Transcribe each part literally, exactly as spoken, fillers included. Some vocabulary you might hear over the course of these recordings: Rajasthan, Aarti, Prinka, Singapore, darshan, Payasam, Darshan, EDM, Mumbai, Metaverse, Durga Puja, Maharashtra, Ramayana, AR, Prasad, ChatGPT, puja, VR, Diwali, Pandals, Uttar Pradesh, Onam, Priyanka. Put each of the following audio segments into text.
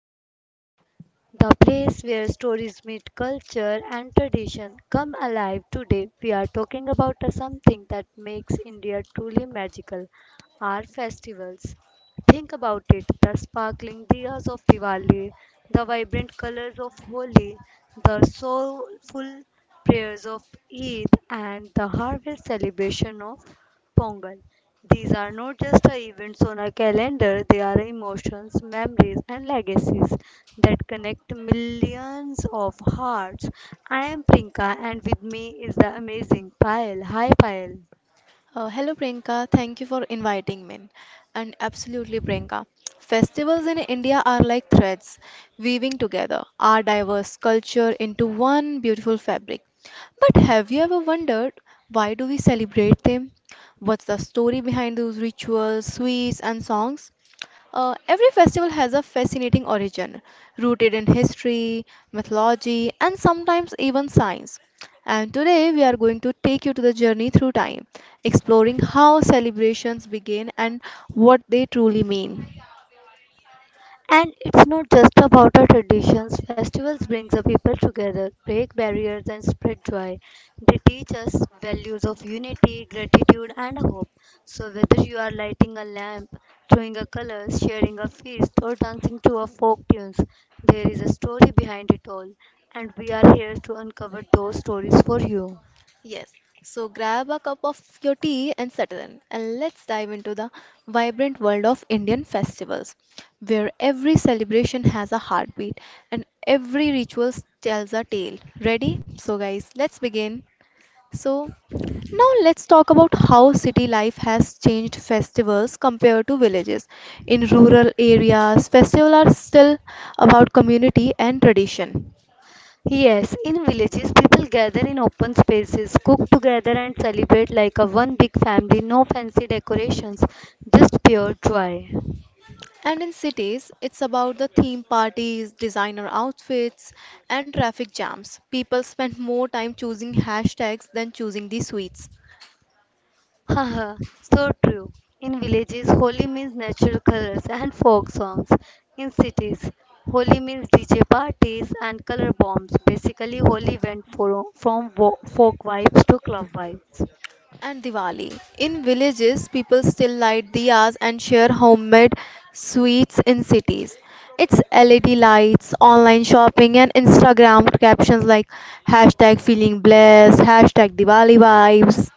podcast, the place where stories meet culture and tradition come alive. Today, we are talking about a something that makes India truly magical our festivals. Think about it the sparkling diyas of Diwali, the vibrant colors of Holi, the soulful prayers of Eid, and the harvest celebration of Pongal. These are not just a events on a calendar, they are emotions, memories, and legacies that connect millions of hearts. I am Prinka, and with me is the amazing Payal. Hi, Payal. Uh, hello Priyanka, thank you for inviting me. And absolutely, Priyanka, festivals in India are like threads weaving together our diverse culture into one beautiful fabric. But have you ever wondered why do we celebrate them? What's the story behind those rituals, sweets, and songs? Uh, every festival has a fascinating origin, rooted in history, mythology, and sometimes even science. And today we are going to take you to the journey through time, exploring how celebrations begin and what they truly mean. And it's not just about our traditions. Festivals bring the people together, break barriers, and spread joy. They teach us values of unity, gratitude, and hope. So, whether you are lighting a lamp, throwing a color, sharing a feast, or dancing to a folk tunes, there is a story behind it all, and we are here to uncover those stories for you. Yes, so grab a cup of your tea and settle in, and let's dive into the vibrant world of Indian festivals, where every celebration has a heartbeat and every ritual tells a tale. Ready? So, guys, let's begin. So, now let's talk about how city life has changed festivals compared to villages. In rural areas, festivals are still about community and tradition. Yes, in villages, people gather in open spaces, cook together, and celebrate like a one big family. No fancy decorations, just pure joy. And in cities, it's about the theme parties, designer outfits, and traffic jams. People spend more time choosing hashtags than choosing the sweets. Haha, so true. In villages, Holi means natural colors and folk songs. In cities, Holi means D J parties and color bombs. Basically, Holi went for, from wo- folk vibes to club vibes. And Diwali. In villages, people still light diyas and share homemade sweets in cities. It's L E D lights, online shopping, and Instagram captions like hashtag feeling blessed, hashtag Diwali vibes.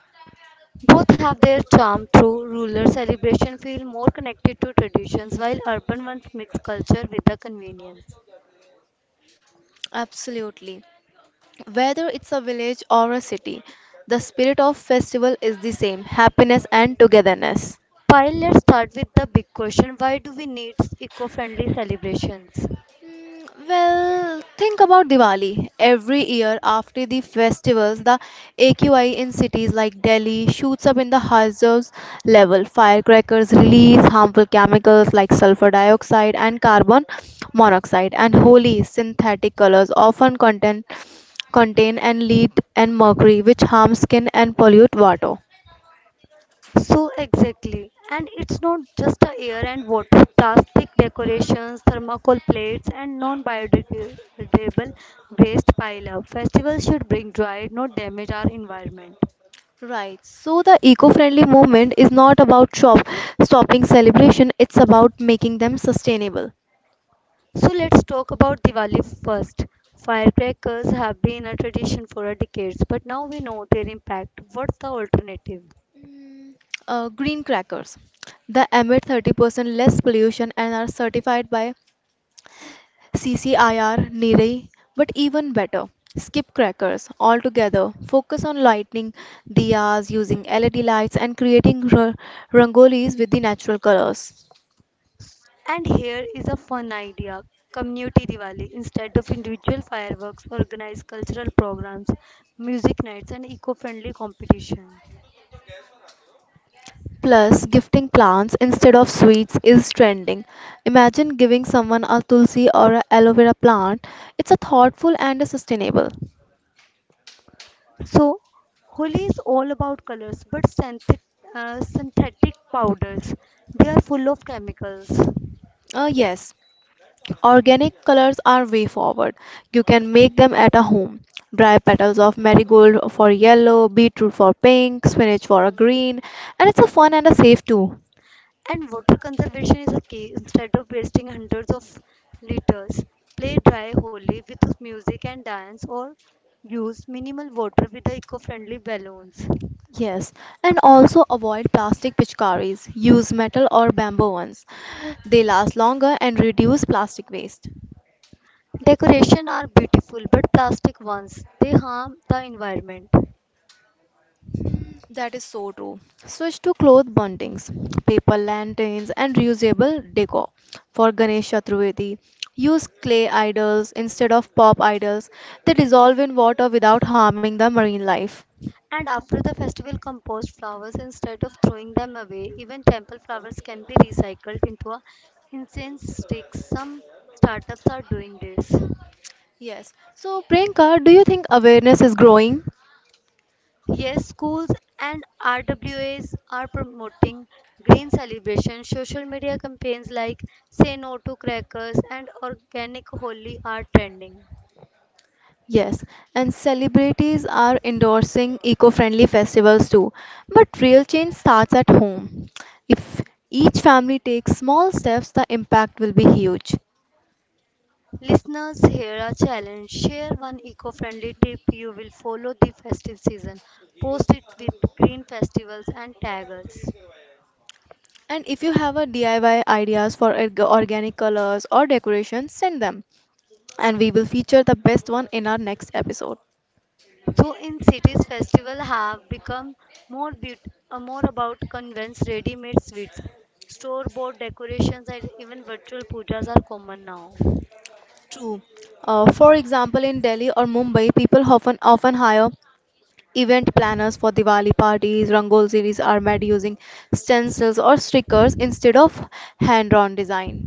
Both have their charm. Though rural celebration feel more connected to traditions, while urban ones mix culture with the convenience. Absolutely. Whether it's a village or a city, the spirit of festival is the same happiness and togetherness. Pyle, let's start with the big question why do we need eco friendly celebrations? Mm, Well, think about Diwali. Every year after the festivals, the A Q I in cities like Delhi shoots up in the hazards level. Firecrackers release harmful chemicals like sulfur dioxide and carbon monoxide, and Holi synthetic colors often contain contain and lead and mercury, which harm skin and pollute water. So, exactly. And it's not just the air and water, plastic decorations, thermocol plates, and non biodegradable waste pile up. Festivals should bring joy, not damage our environment. Right. So the eco-friendly movement is not about shop stopping celebration, it's about making them sustainable. So let's talk about Diwali first. Firecrackers have been a tradition for decades, but now we know their impact. What's the alternative? Mm, Uh, green crackers. They emit thirty percent less pollution and are certified by C C I R niri. But even better, skip crackers altogether. Focus on lighting diyas, using L E D lights, and creating r- rangolis with the natural colors. And here is a fun idea community Diwali. Instead of individual fireworks, organize cultural programs, music nights, and eco friendly competition. Plus, gifting plants instead of sweets is trending. Imagine giving someone a tulsi or a aloe vera plant. It's a thoughtful and a sustainable. So, Holi is all about colors, but synthetic, uh, synthetic powders. They are full of chemicals. Uh, yes, organic colors are way forward. You can make them at a home. Dry petals of marigold for yellow, beetroot for pink, spinach for a green, and it's a fun and a safe too. And water conservation is a key. Instead of wasting hundreds of liters, play dry holy with music and dance or use minimal water with the eco-friendly balloons. Yes, and also avoid plastic pitchkaris. Use metal or bamboo ones. They last longer and reduce plastic waste. Decoration are beautiful but plastic ones. They harm the environment. That is so true. Switch to cloth buntings, paper lanterns, and reusable decor. For Ganesh Chaturvedi, use clay idols instead of pop idols. They dissolve in water without harming the marine life. And after the festival compost flowers instead of throwing them away, even temple flowers can be recycled into a incense sticks. Some startups are doing this. Yes. So, Priyanka, do you think awareness is growing? Yes, schools and R W As are promoting green celebration. Social media campaigns like Say No to Crackers and Organic Holi are trending. Yes, and celebrities are endorsing eco friendly festivals too. But real change starts at home. If each family takes small steps, the impact will be huge. Listeners, here a challenge. Share one eco friendly tip you will follow the festive season. Post it with green festivals and tag us. And if you have a D I Y ideas for org- organic colors or decoration, send them, and we will feature the best one in our next episode. So in cities, festivals have become more beaut- uh, more about convents, ready-made sweets, store-bought decorations, and even virtual pujas are common now. True. Uh, for example, in Delhi or Mumbai, people often often hire event planners for Diwali parties. Rangol series are made using stencils or stickers instead of hand-drawn design.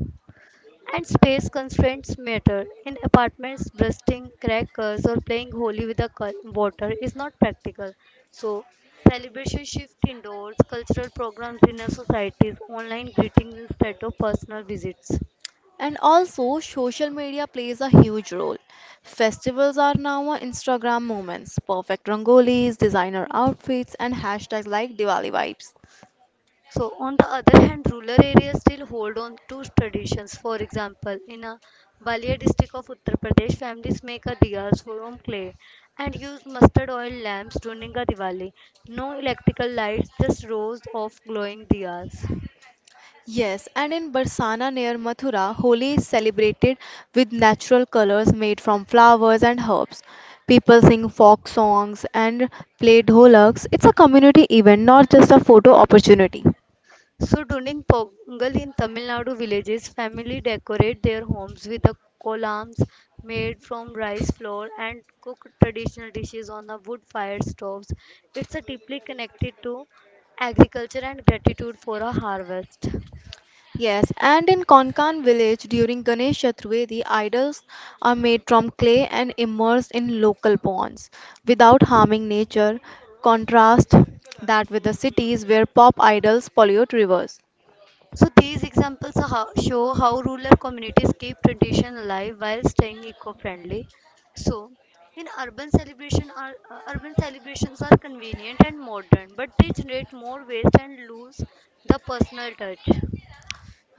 And space constraints matter. In apartments, bursting crackers or playing holy with the col- water is not practical. So celebration shift indoors, cultural programs in societies, online greetings instead of personal visits. And also, social media plays a huge role. Festivals are now a Instagram moments, perfect rangolis, designer outfits, and hashtags like Diwali vibes. So on the other hand, rural areas still hold on to traditions. For example, in a Balia district of Uttar Pradesh, families make a diyas from clay and use mustard oil lamps during a Diwali. No electrical lights, just rows of glowing diyas. Yes, and in Barsana near Mathura, Holi is celebrated with natural colors made from flowers and herbs. People sing folk songs and play dholaks. It's a community event, not just a photo opportunity. So during Pongal in Tamil Nadu villages, families decorate their homes with the columns made from rice flour and cook traditional dishes on the wood-fired stoves. It's a deeply connected to agriculture and gratitude for a harvest. Yes, and in Konkan village during Ganesh Chaturthi, idols are made from clay and immersed in local ponds without harming nature. Contrast that with the cities where pop idols pollute rivers. So these examples are how, show how rural communities keep tradition alive while staying eco-friendly. So in urban celebration are uh, urban celebrations are convenient and modern, but they generate more waste and lose the personal touch.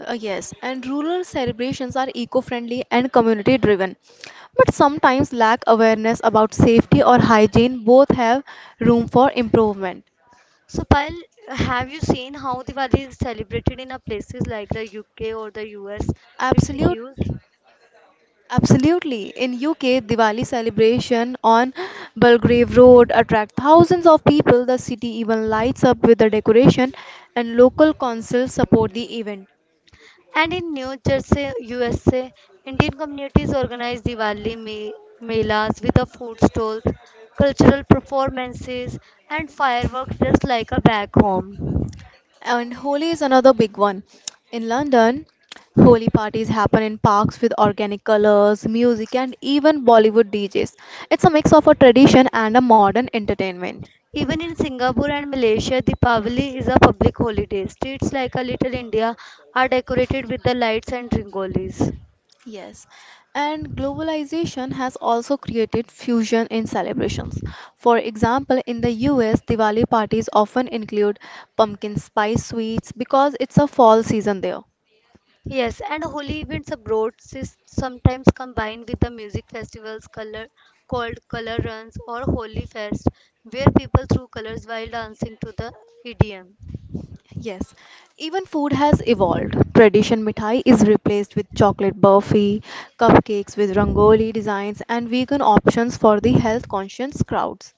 Uh, yes, and rural celebrations are eco-friendly and community-driven, but sometimes lack awareness about safety or hygiene. Both have room for improvement. So Payal, have you seen how Diwali is celebrated in a places like the U K or the U S? It's Absolute huge. Absolutely. In U K, Diwali celebration on Belgrave Road attract thousands of people. The city even lights up with the decoration and local councils support the event. And in New Jersey, U S A, Indian communities organize Diwali me- melas with a food stalls, cultural performances, and fireworks just like a back home. And Holi is another big one. In London, Holi parties happen in parks with organic colors, music and even Bollywood D Js. It's a mix of a tradition and a modern entertainment. Even in Singapore and Malaysia, Deepavali is a public holiday. Streets like a Little India are decorated with the lights and ringolis. Yes, and globalization has also created fusion in celebrations. For example, in the U S, Diwali parties often include pumpkin spice sweets because it's a fall season there. Yes, and holy events abroad is sometimes combined with the music festivals color, called color runs or holy fest, where people throw colors while dancing to the E D M. Yes, even food has evolved. Tradition mithai is replaced with chocolate burfi, cupcakes with rangoli designs, and vegan options for the health conscious crowds.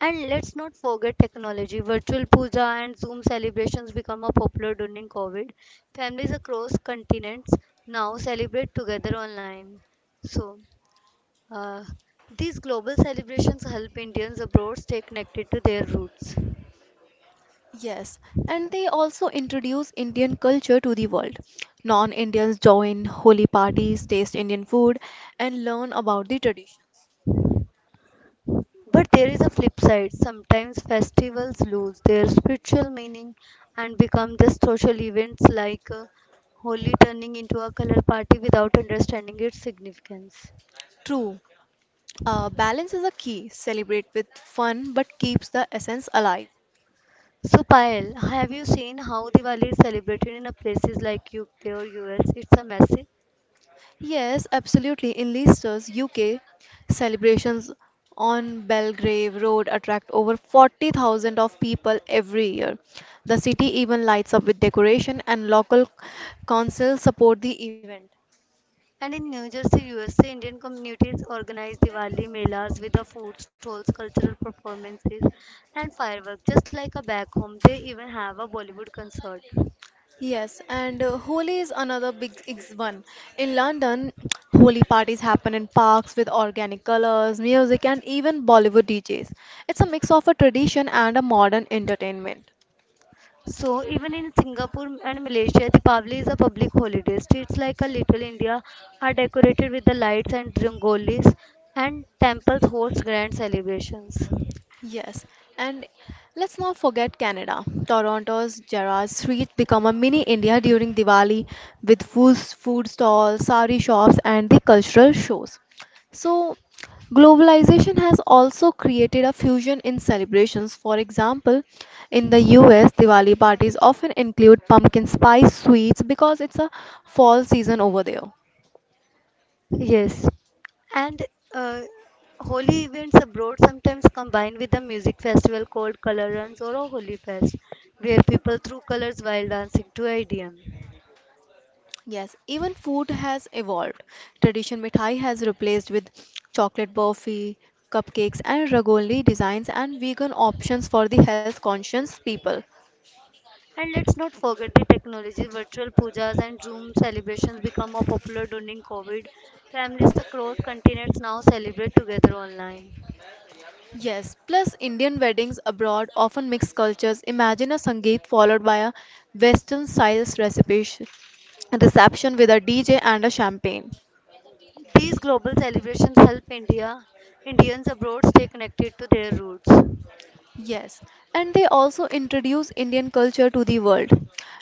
And let's not forget technology. Virtual puja and Zoom celebrations become a popular during COVID. Families across continents now celebrate together online. So, uh, these global celebrations help Indians abroad stay connected to their roots. Yes, and they also introduce Indian culture to the world. Non-Indians join holy parties, taste Indian food, and learn about the tradition. But there is a flip side. Sometimes festivals lose their spiritual meaning and become just social events like uh, Holi turning into a color party without understanding its significance. True, uh, balance is a key. Celebrate with fun, but keeps the essence alive. So, Payal, have you seen how Diwali is celebrated in a places like U K or U S? It's a massive. Yes, absolutely. In Leicester's U K, celebrations on Belgrave Road attract over forty thousand of people every year. The city even lights up with decoration, and local councils support the event. And in New Jersey, U S A, Indian communities organize Diwali melas with the food stalls, cultural performances, and fireworks, just like a back home. They even have a Bollywood concert. Yes, and uh, Holi is another big ex- one. In London, Holi parties happen in parks with organic colors, music, and even Bollywood D Js. It's a mix of a tradition and a modern entertainment. So even in Singapore and Malaysia, Deepavali is a public holiday. Streets like a Little India are decorated with the lights and rangolis, and temples host grand celebrations. Yes, and let's not forget Canada. Toronto's Gerrard Street become a mini India during Diwali with food, food stalls, sari shops, and the cultural shows. So, globalization has also created a fusion in celebrations. For example, in the U S, Diwali parties often include pumpkin spice sweets because it's a fall season over there. Yes, and uh, holy events abroad sometimes combine with a music festival called Color Runs or a Holy Fest, where people throw colors while dancing to I D M. Yes, even food has evolved. Tradition mithai has replaced with chocolate burfi, cupcakes, and rangoli designs and vegan options for the health conscious people. And let's not forget the technology, virtual pujas and Zoom celebrations become more popular during COVID. Families across continents now celebrate together online. Yes, plus Indian weddings abroad often mix cultures. Imagine a Sangeet followed by a Western style recipe reception with a D J and a champagne. These global celebrations help India Indians abroad stay connected to their roots. Yes, and they also introduce Indian culture to the world.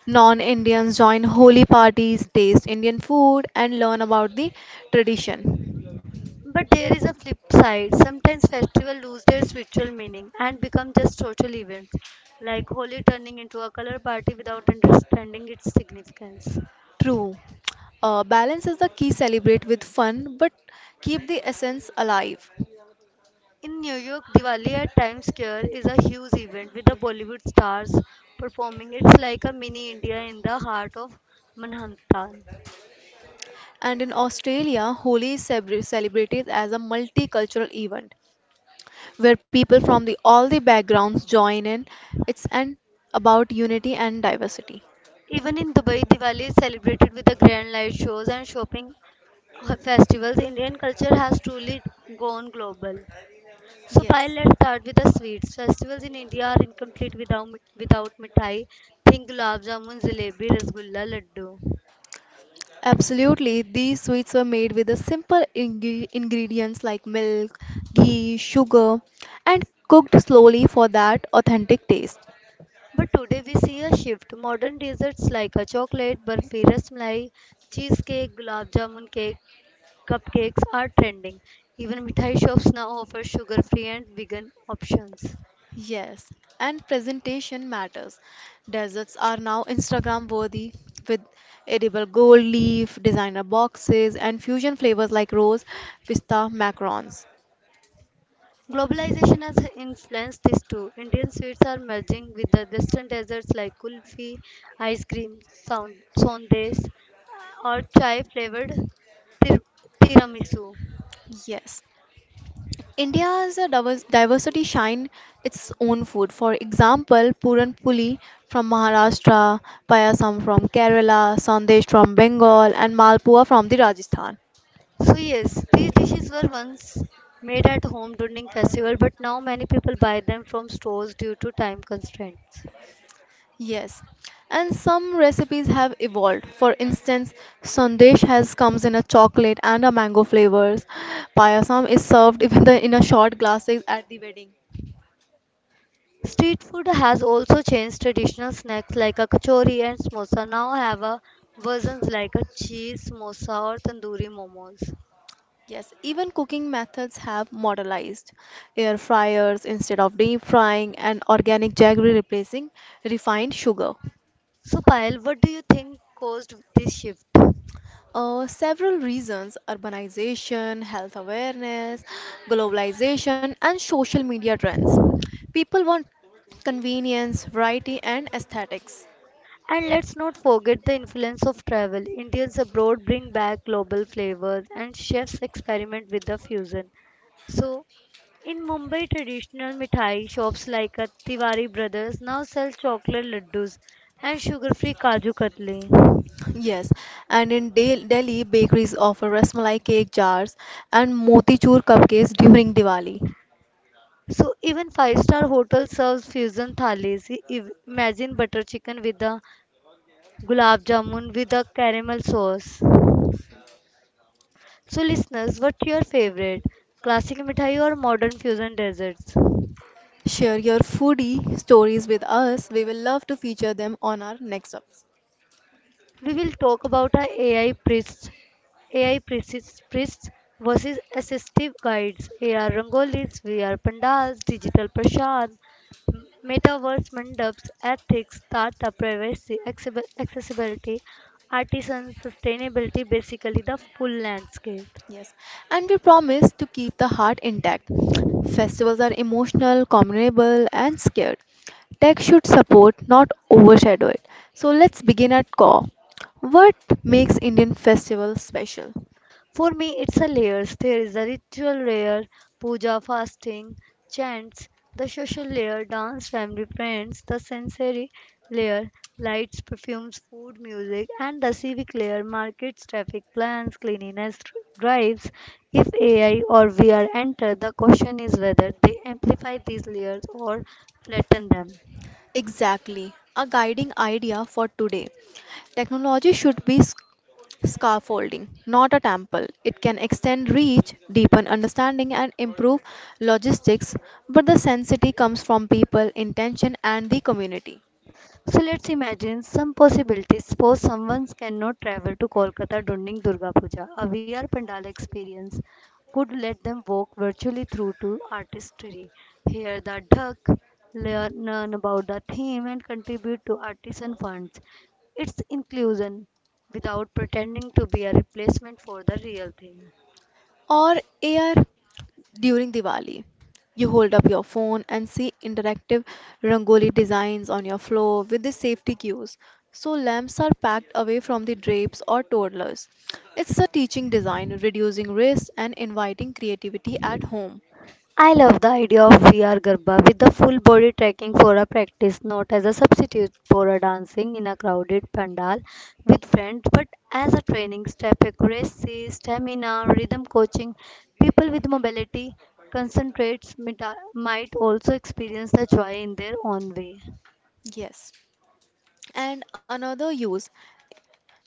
Non Indians join holy parties, taste Indian food, and learn about the tradition. But there is a flip side. Sometimes festivals lose their spiritual meaning and become just social events, like Holi turning into a color party without understanding its significance. True. Uh, balance is the key. Celebrate with fun, but keep the essence alive. In New York, Diwali at Times Square is a huge event with the Bollywood stars performing. It's like a mini India in the heart of Manhattan. And in Australia, Holi is celebra- celebrated as a multicultural event where people from the, all the backgrounds join in. It's an about unity and diversity. Even in Dubai, Diwali is celebrated with the grand light shows and shopping festivals. Indian culture has truly gone global. So, Yes. Payal, let's start with the sweets. Festivals in India are incomplete without without mithai. Think gulab jamun, jalebi, rasgulla, laddu. Absolutely, these sweets were made with the simple ing- ingredients like milk, ghee, sugar, and cooked slowly for that authentic taste. But today we see a shift. Modern desserts like a chocolate burfi, rasmalai, cheesecake, gulab jamun cake, cupcakes are trending. Even mithai shops now offer sugar-free and vegan options. Yes, and presentation matters. Desserts are now Instagram worthy with edible gold leaf, designer boxes, and fusion flavors like rose, pista, macarons. Globalization has influenced this too. Indian sweets are merging with the western desserts like kulfi, ice cream, sound, sondes, or chai flavored tir- tiramisu. Yes. India's uh, divers- diversity shine its own food. For example, Puran Puli from Maharashtra, Payasam from Kerala, Sandesh from Bengal, and Malpua from the Rajasthan. So yes, these dishes were once made at home during festival, but now many people buy them from stores due to time constraints. Yes, and some recipes have evolved. For instance, Sandesh has comes in a chocolate and a mango flavors. Payasam is served even the, in a short glasses at the wedding. Street food has also changed traditional snacks like a kachori and samosa now have a versions like a cheese samosa or tandoori momos. Yes, even cooking methods have modernized. Air fryers instead of deep frying and organic jaggery replacing refined sugar. So Payal, what do you think caused this shift? Uh, several reasons urbanization, health awareness, globalization, and social media trends. People want convenience, variety, and aesthetics. And let's not forget the influence of travel. Indians abroad bring back global flavors and chefs experiment with the fusion. So, in Mumbai, traditional mithai shops like uh, Tiwari Brothers now sell chocolate laddus and sugar-free kaju katli. Yes, and in Del- Delhi, bakeries offer rasmalai cake jars and motichur cupcakes during Diwali. So even five-star hotel serves fusion thalis. I- if- Imagine butter chicken with the gulab jamun with the caramel sauce. So listeners, what's your favorite? Classic mithai or modern fusion desserts? Share your foodie stories with us. We will love to feature them on our next episode. We will talk about our A I priests, A I priests, priests versus assistive guides, A R Rangolis, V R Pandas, Digital Prashan, Metaverse Mandaps, Ethics, Data Privacy, accessibi- Accessibility, Artisan Sustainability, basically the full landscape. Yes. And we promise to keep the heart intact. Festivals are emotional, communable, and scared. Tech should support, not overshadow it. So let's begin at core. What makes Indian festival special? For me, it's a layers. There is a ritual layer, puja, fasting, chants, the social layer, dance, family, friends, the sensory layer, lights, perfumes, food, music, and the civic layer, markets, traffic plans, cleanliness, dr- drives. If A I or V R enter, the question is whether they amplify these layers or flatten them. Exactly. A guiding idea for today. Technology should be scaffolding, not a temple. It can extend reach, deepen understanding, and improve logistics, but the sensitivity comes from people, intention, and the community. So let's imagine some possibilities. Suppose someone cannot travel to Kolkata during Durga Puja. A V R Pandala experience could let them walk virtually through to artistry, hear the duck, learn about the theme, and contribute to artisan funds. It's inclusion without pretending to be a replacement for the real thing. Or air during Diwali. You hold up your phone and see interactive rangoli designs on your floor with the safety cues. So lamps are packed away from the drapes or toddlers. It's a teaching design, reducing risk and inviting creativity at home. I love the idea of V R Garba with the full body tracking for a practice, not as a substitute for a dancing in a crowded pandal with friends, but as a training step, accuracy, stamina, rhythm coaching. People with mobility concentrates mita- might also experience the joy in their own way. Yes. And another use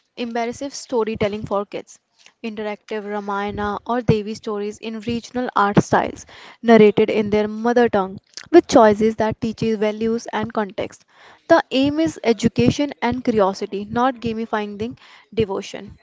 Embarrassive storytelling for kids, interactive Ramayana or Devi stories in regional art styles, narrated in their mother tongue, with choices that teaches values and context. The aim is education and curiosity, not gamifying the devotion.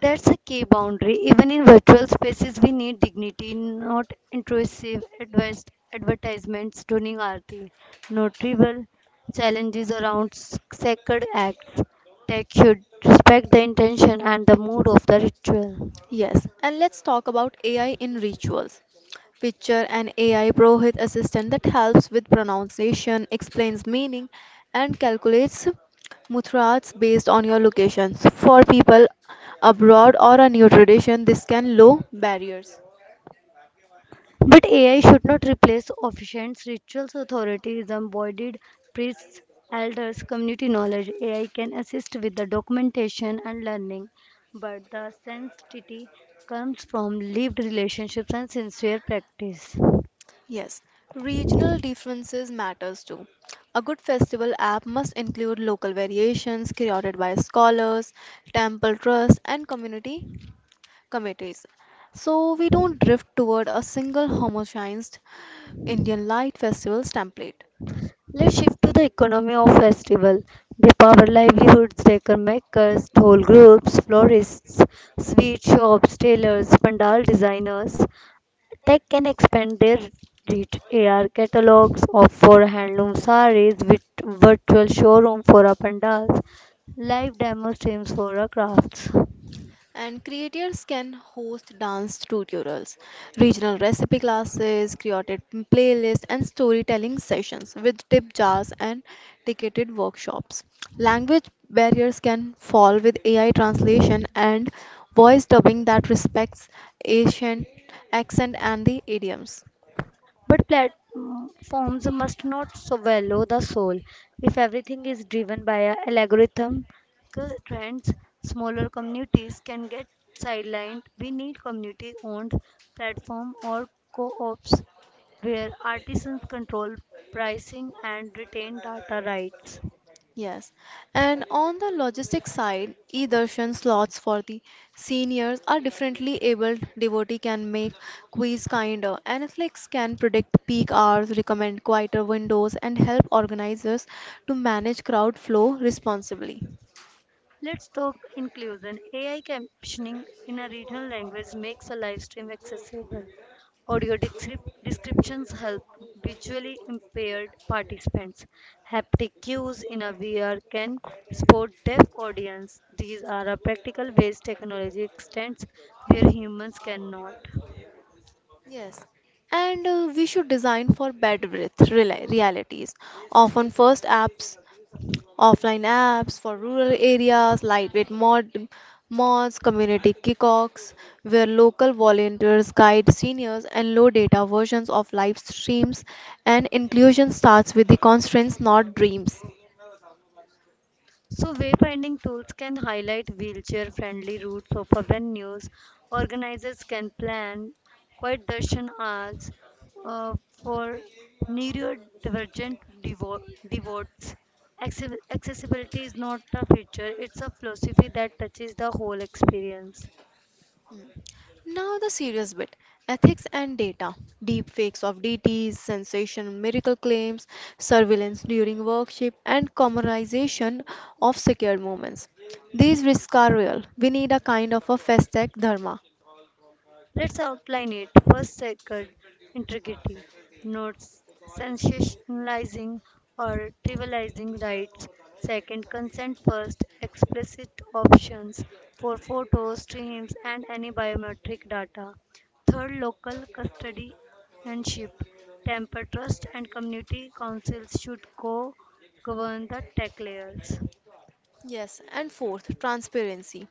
That's a key boundary. Even in virtual spaces, we need dignity, not intrusive advice, advertisements, tuning R T, notable challenges around s- sacred acts. Tech should respect the intention and the mood of the ritual. Yes, and let's talk about A I in rituals. Picture an A I Prohit assistant that helps with pronunciation, explains meaning, and calculates mutrats based on your locations. For people abroad or a new tradition, this can low barriers. But A I should not replace officiants, rituals, authorities, embodied priests, elders, community knowledge. A I can assist with the documentation and learning, but the sanctity comes from lived relationships and sincere practice. Yes, regional differences matters too. A good festival app must include local variations created by scholars, temple trusts, and community committees. So we don't drift toward a single homogenized Indian light festivals template. Let's shift to the economy of festival. They power livelihoods, decor makers, toll groups, florists, sweet shops, tailors, pandal designers. Tech can expand their reach. A R catalogs of for handloom sarees with virtual showroom for our pandals, live demo streams for our crafts. And creators can host dance tutorials, regional recipe classes, curated playlists, and storytelling sessions with tip jars and ticketed workshops. Language barriers can fall with A I translation and voice dubbing that respects Asian accent and the idioms. But platforms must not swallow the soul. If everything is driven by a algorithm trends, smaller communities can get sidelined. We need community owned platform or co ops where artisans control pricing and retain data rights. Yes, and on the logistics side, e-darshan slots for the seniors are differently abled. Devotee can make quiz kinder, and can predict peak hours, recommend quieter windows, and help organizers to manage crowd flow responsibly. Let's talk inclusion. A I captioning in a regional language makes a live stream accessible. Audio descrip- descriptions help visually impaired participants. Haptic cues in a V R can support deaf audience. These are a practical ways technology extends where humans cannot. Yes, and uh, we should design for bed breath reali- realities. Often, first apps offline apps for rural areas, lightweight mod, mods, community kickoffs, where local volunteers guide seniors and low data versions of live streams, and inclusion starts with the constraints, not dreams. So, wayfinding tools can highlight wheelchair friendly routes of venues. Organizers can plan quiet darshan hours uh, for neurodivergent devo- devotees. Acce- Accessibility is not a feature, it's a philosophy that touches the whole experience. Now the serious bit. Ethics and data, deep fakes of D Ts, sensation, miracle claims, surveillance during workshop, and commercialization of secured moments. These risks are real. We need a kind of a fast tech dharma. Let's outline it. First, sacred integrity, not sensationalizing or trivializing rights. Second, consent first, explicit options for photos, streams, and any biometric data. Third, local custodianship and Temper trust and community councils should co govern the tech layers. Yes, and fourth, transparency.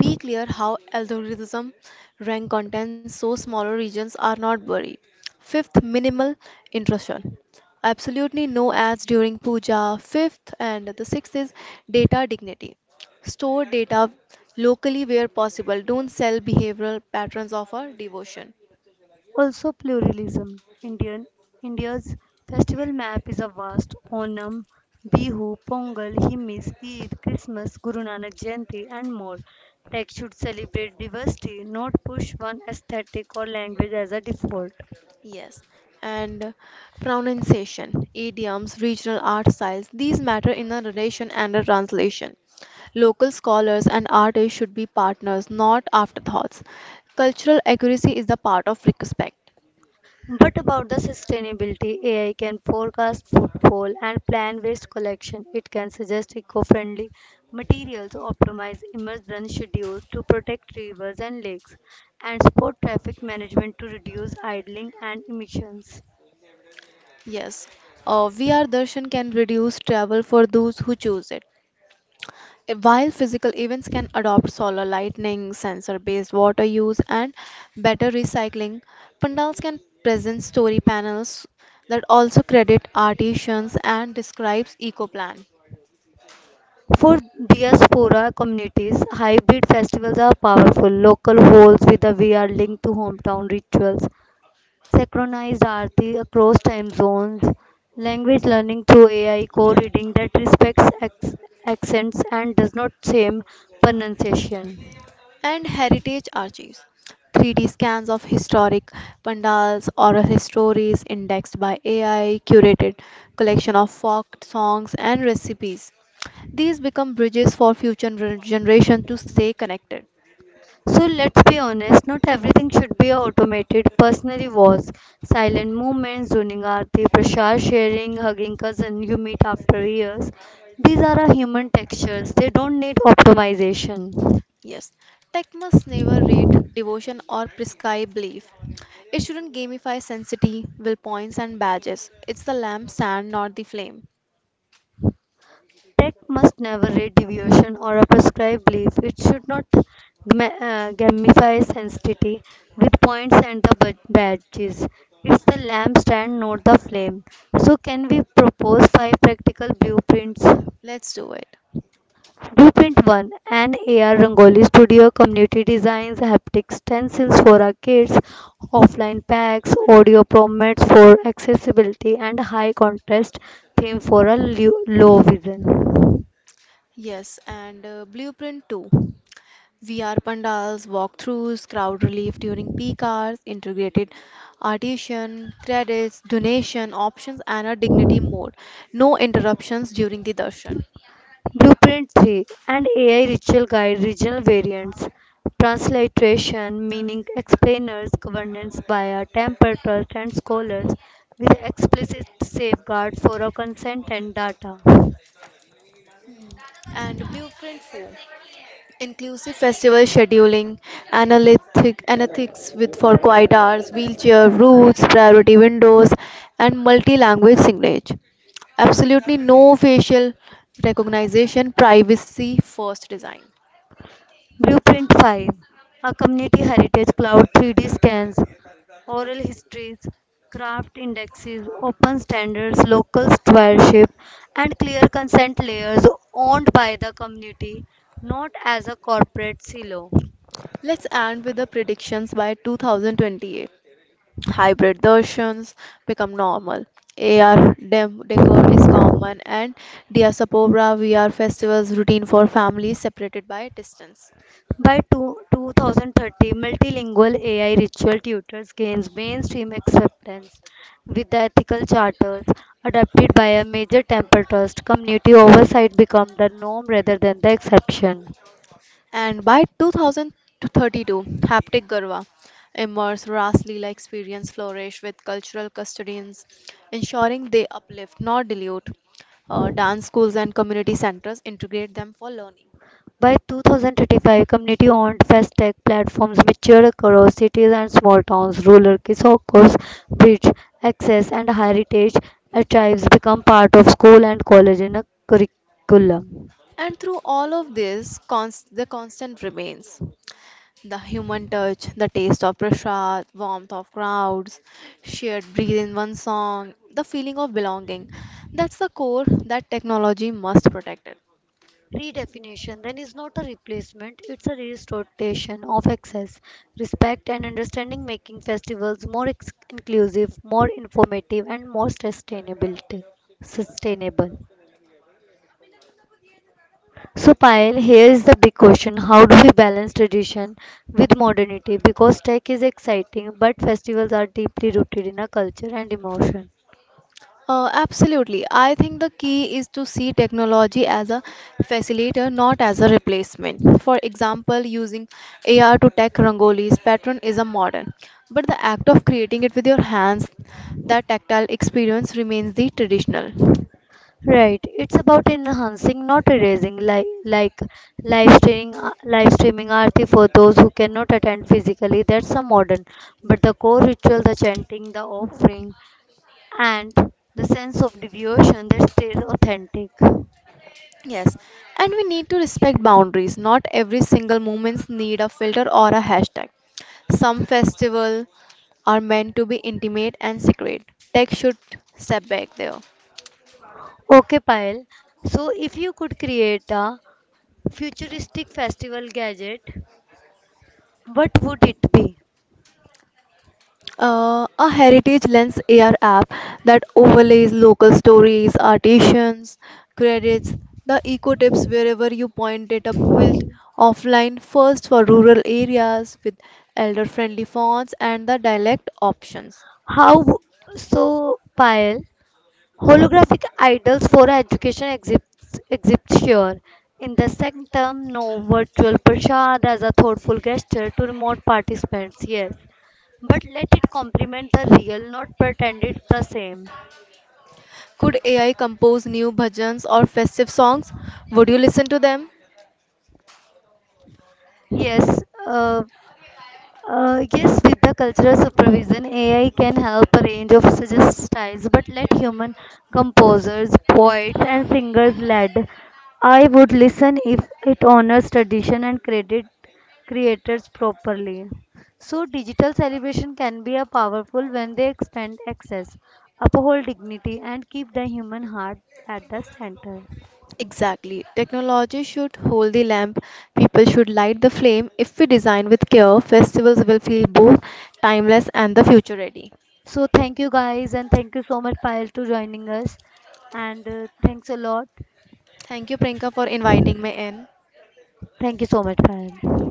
Be clear how algorithm rank content so smaller regions are not buried. Fifth, minimal intrusion. Absolutely no ads during puja. Fifth, and the sixth is data dignity. Store data locally where possible. Don't sell behavioral patterns of our devotion. Also pluralism. Indian India's festival map is a vast Onam, Bihu, Pongal, Himis, Eid, Christmas, Guru Nanak Jayanti and more. Tech should celebrate diversity, not push one aesthetic or language as a default. Yes, and pronunciation, idioms, regional art styles, these matter in the narration and the translation. Local scholars and artists should be partners, not afterthoughts. Cultural accuracy is the part of respect. What about the sustainability? A I can forecast footfall and plan waste collection. It can suggest eco-friendly materials, optimize emergent schedules to protect rivers and lakes, and support traffic management to reduce idling and emissions. Yes, uh, V R darshan can reduce travel for those who choose it. While physical events can adopt solar lighting, sensor based water use, and better recycling, pandals can present story panels that also credit artisans and describes eco plan For diaspora communities, hybrid festivals are powerful. Local halls with a V R linked to hometown rituals, synchronized aarti across time zones, language learning through A I co-reading that respects acc- accents and does not shame pronunciation. and heritage archives. three D scans of historic pandals, oral histories indexed by A I, curated collection of folk songs and recipes. These become bridges for future generations to stay connected. So let's be honest, not everything should be automated. Personally was silent movements, zoning aarti, prashar sharing, hugging cousin you meet after years. These are our human textures. They don't need optimization. Yes, tech must never rate devotion or prescribe belief. It shouldn't gamify sanctity, will points, and badges. It's the lampstand, not the flame. Tech must never rate deviation or a prescribed belief. It should not gma- uh, gamify sensitivity with points and the bud- badges. It's the lamp stand, not the flame. So, can we propose five practical blueprints? Let's do it. Blueprint one, an A R Rangoli Studio, Community Designs, Haptic Stencils for our kids, Offline Packs, Audio Promets for accessibility, and High Contrast Theme for a lu- low vision. Yes, and uh, Blueprint two. V R pandals, walkthroughs, crowd relief during peak hours, integrated artisan, credits, donation options, and a dignity mode. No interruptions during the darshan. Blueprint three, and A I Ritual Guide Regional Variants, Transliteration meaning explainers, governance by a temper trust and scholars with explicit safeguard for our consent and data. And Blueprint four. Inclusive festival scheduling, analytic, analytics with for quiet hours, wheelchair routes, priority windows, and multi-language signage. Absolutely no facial recognition, privacy first design. Blueprint five, a community heritage cloud, three D scans, oral histories, craft indexes, open standards, local stewardship, and clear consent layers owned by the community, not as a corporate silo. Let's end with the predictions by two thousand twenty-eight. Hybrid versions become normal. A R dem- decor is common and Diaspora V R festivals routine for families separated by distance. By two, two thousand thirty, multilingual A I ritual tutors gains mainstream acceptance with the ethical charters adopted by a major temple trust. Community oversight become the norm rather than the exception. And by two thousand thirty-two, Haptic Garwa immerse Ras Leela experience flourish with cultural custodians, ensuring they uplift, not dilute. Uh, dance schools and community centers integrate them for learning. By two thousand thirty-five, community-owned fast-tech platforms mature across cities and small towns. Rural Kisokos bridge access, and heritage archives become part of school and college in a curriculum. And through all of this, const- the constant remains the human touch, the taste of prasad, warmth of crowds, shared breathe in one song, the feeling of belonging. That's the core that technology must protect it. Redefinition then is not a replacement, it's a restoration of access, respect and understanding, making festivals more ex- inclusive, more informative and more sustainable sustainable. So, Payal, here is the big question: how do we balance tradition with modernity? Because tech is exciting, but festivals are deeply rooted in a culture and emotion. Uh, absolutely. I think the key is to see technology as a facilitator, not as a replacement. For example, using A R to tag Rangoli's pattern is a modern, but the act of creating it with your hands, that tactile experience remains the traditional. Right, it's about enhancing, not erasing, like like live streaming, uh, live streaming arti for those who cannot attend physically. That's a modern, but the core ritual, the chanting, the offering, and the sense of devotion, that's still authentic. Yes, and we need to respect boundaries. Not every single moments need a filter or a hashtag. Some festival are meant to be intimate and secret. Tech should step back there. Okay, Payal. So, if you could create a futuristic festival gadget, what would it be? Uh, a Heritage Lens A R app that overlays local stories, artisans, credits, the eco tips wherever you point it up built offline first for rural areas with elder friendly fonts and the dialect options. How? w- So, Payal, holographic idols for education exist, exist here. In the sanctum, no virtual prashad as a thoughtful gesture to remote participants, yes. But let it complement the real, not pretend it's the same. Could A I compose new bhajans or festive songs? Would you listen to them? Yes, uh, Uh, yes, with the cultural supervision, A I can help a range of suggest styles, but let human composers, poets, and singers lead. I would listen if it honors tradition and credit creators properly. So, digital celebration can be a powerful when they expand access, uphold dignity, and keep the human heart at the center. Exactly. Technology should hold the lamp. People should light the flame. If we design with care, festivals will feel both timeless and the future ready. So, thank you guys, and thank you so much, Payal, to joining us, and uh, thanks a lot. Thank you, Priyanka, for inviting me in. Thank you so much, Fahad.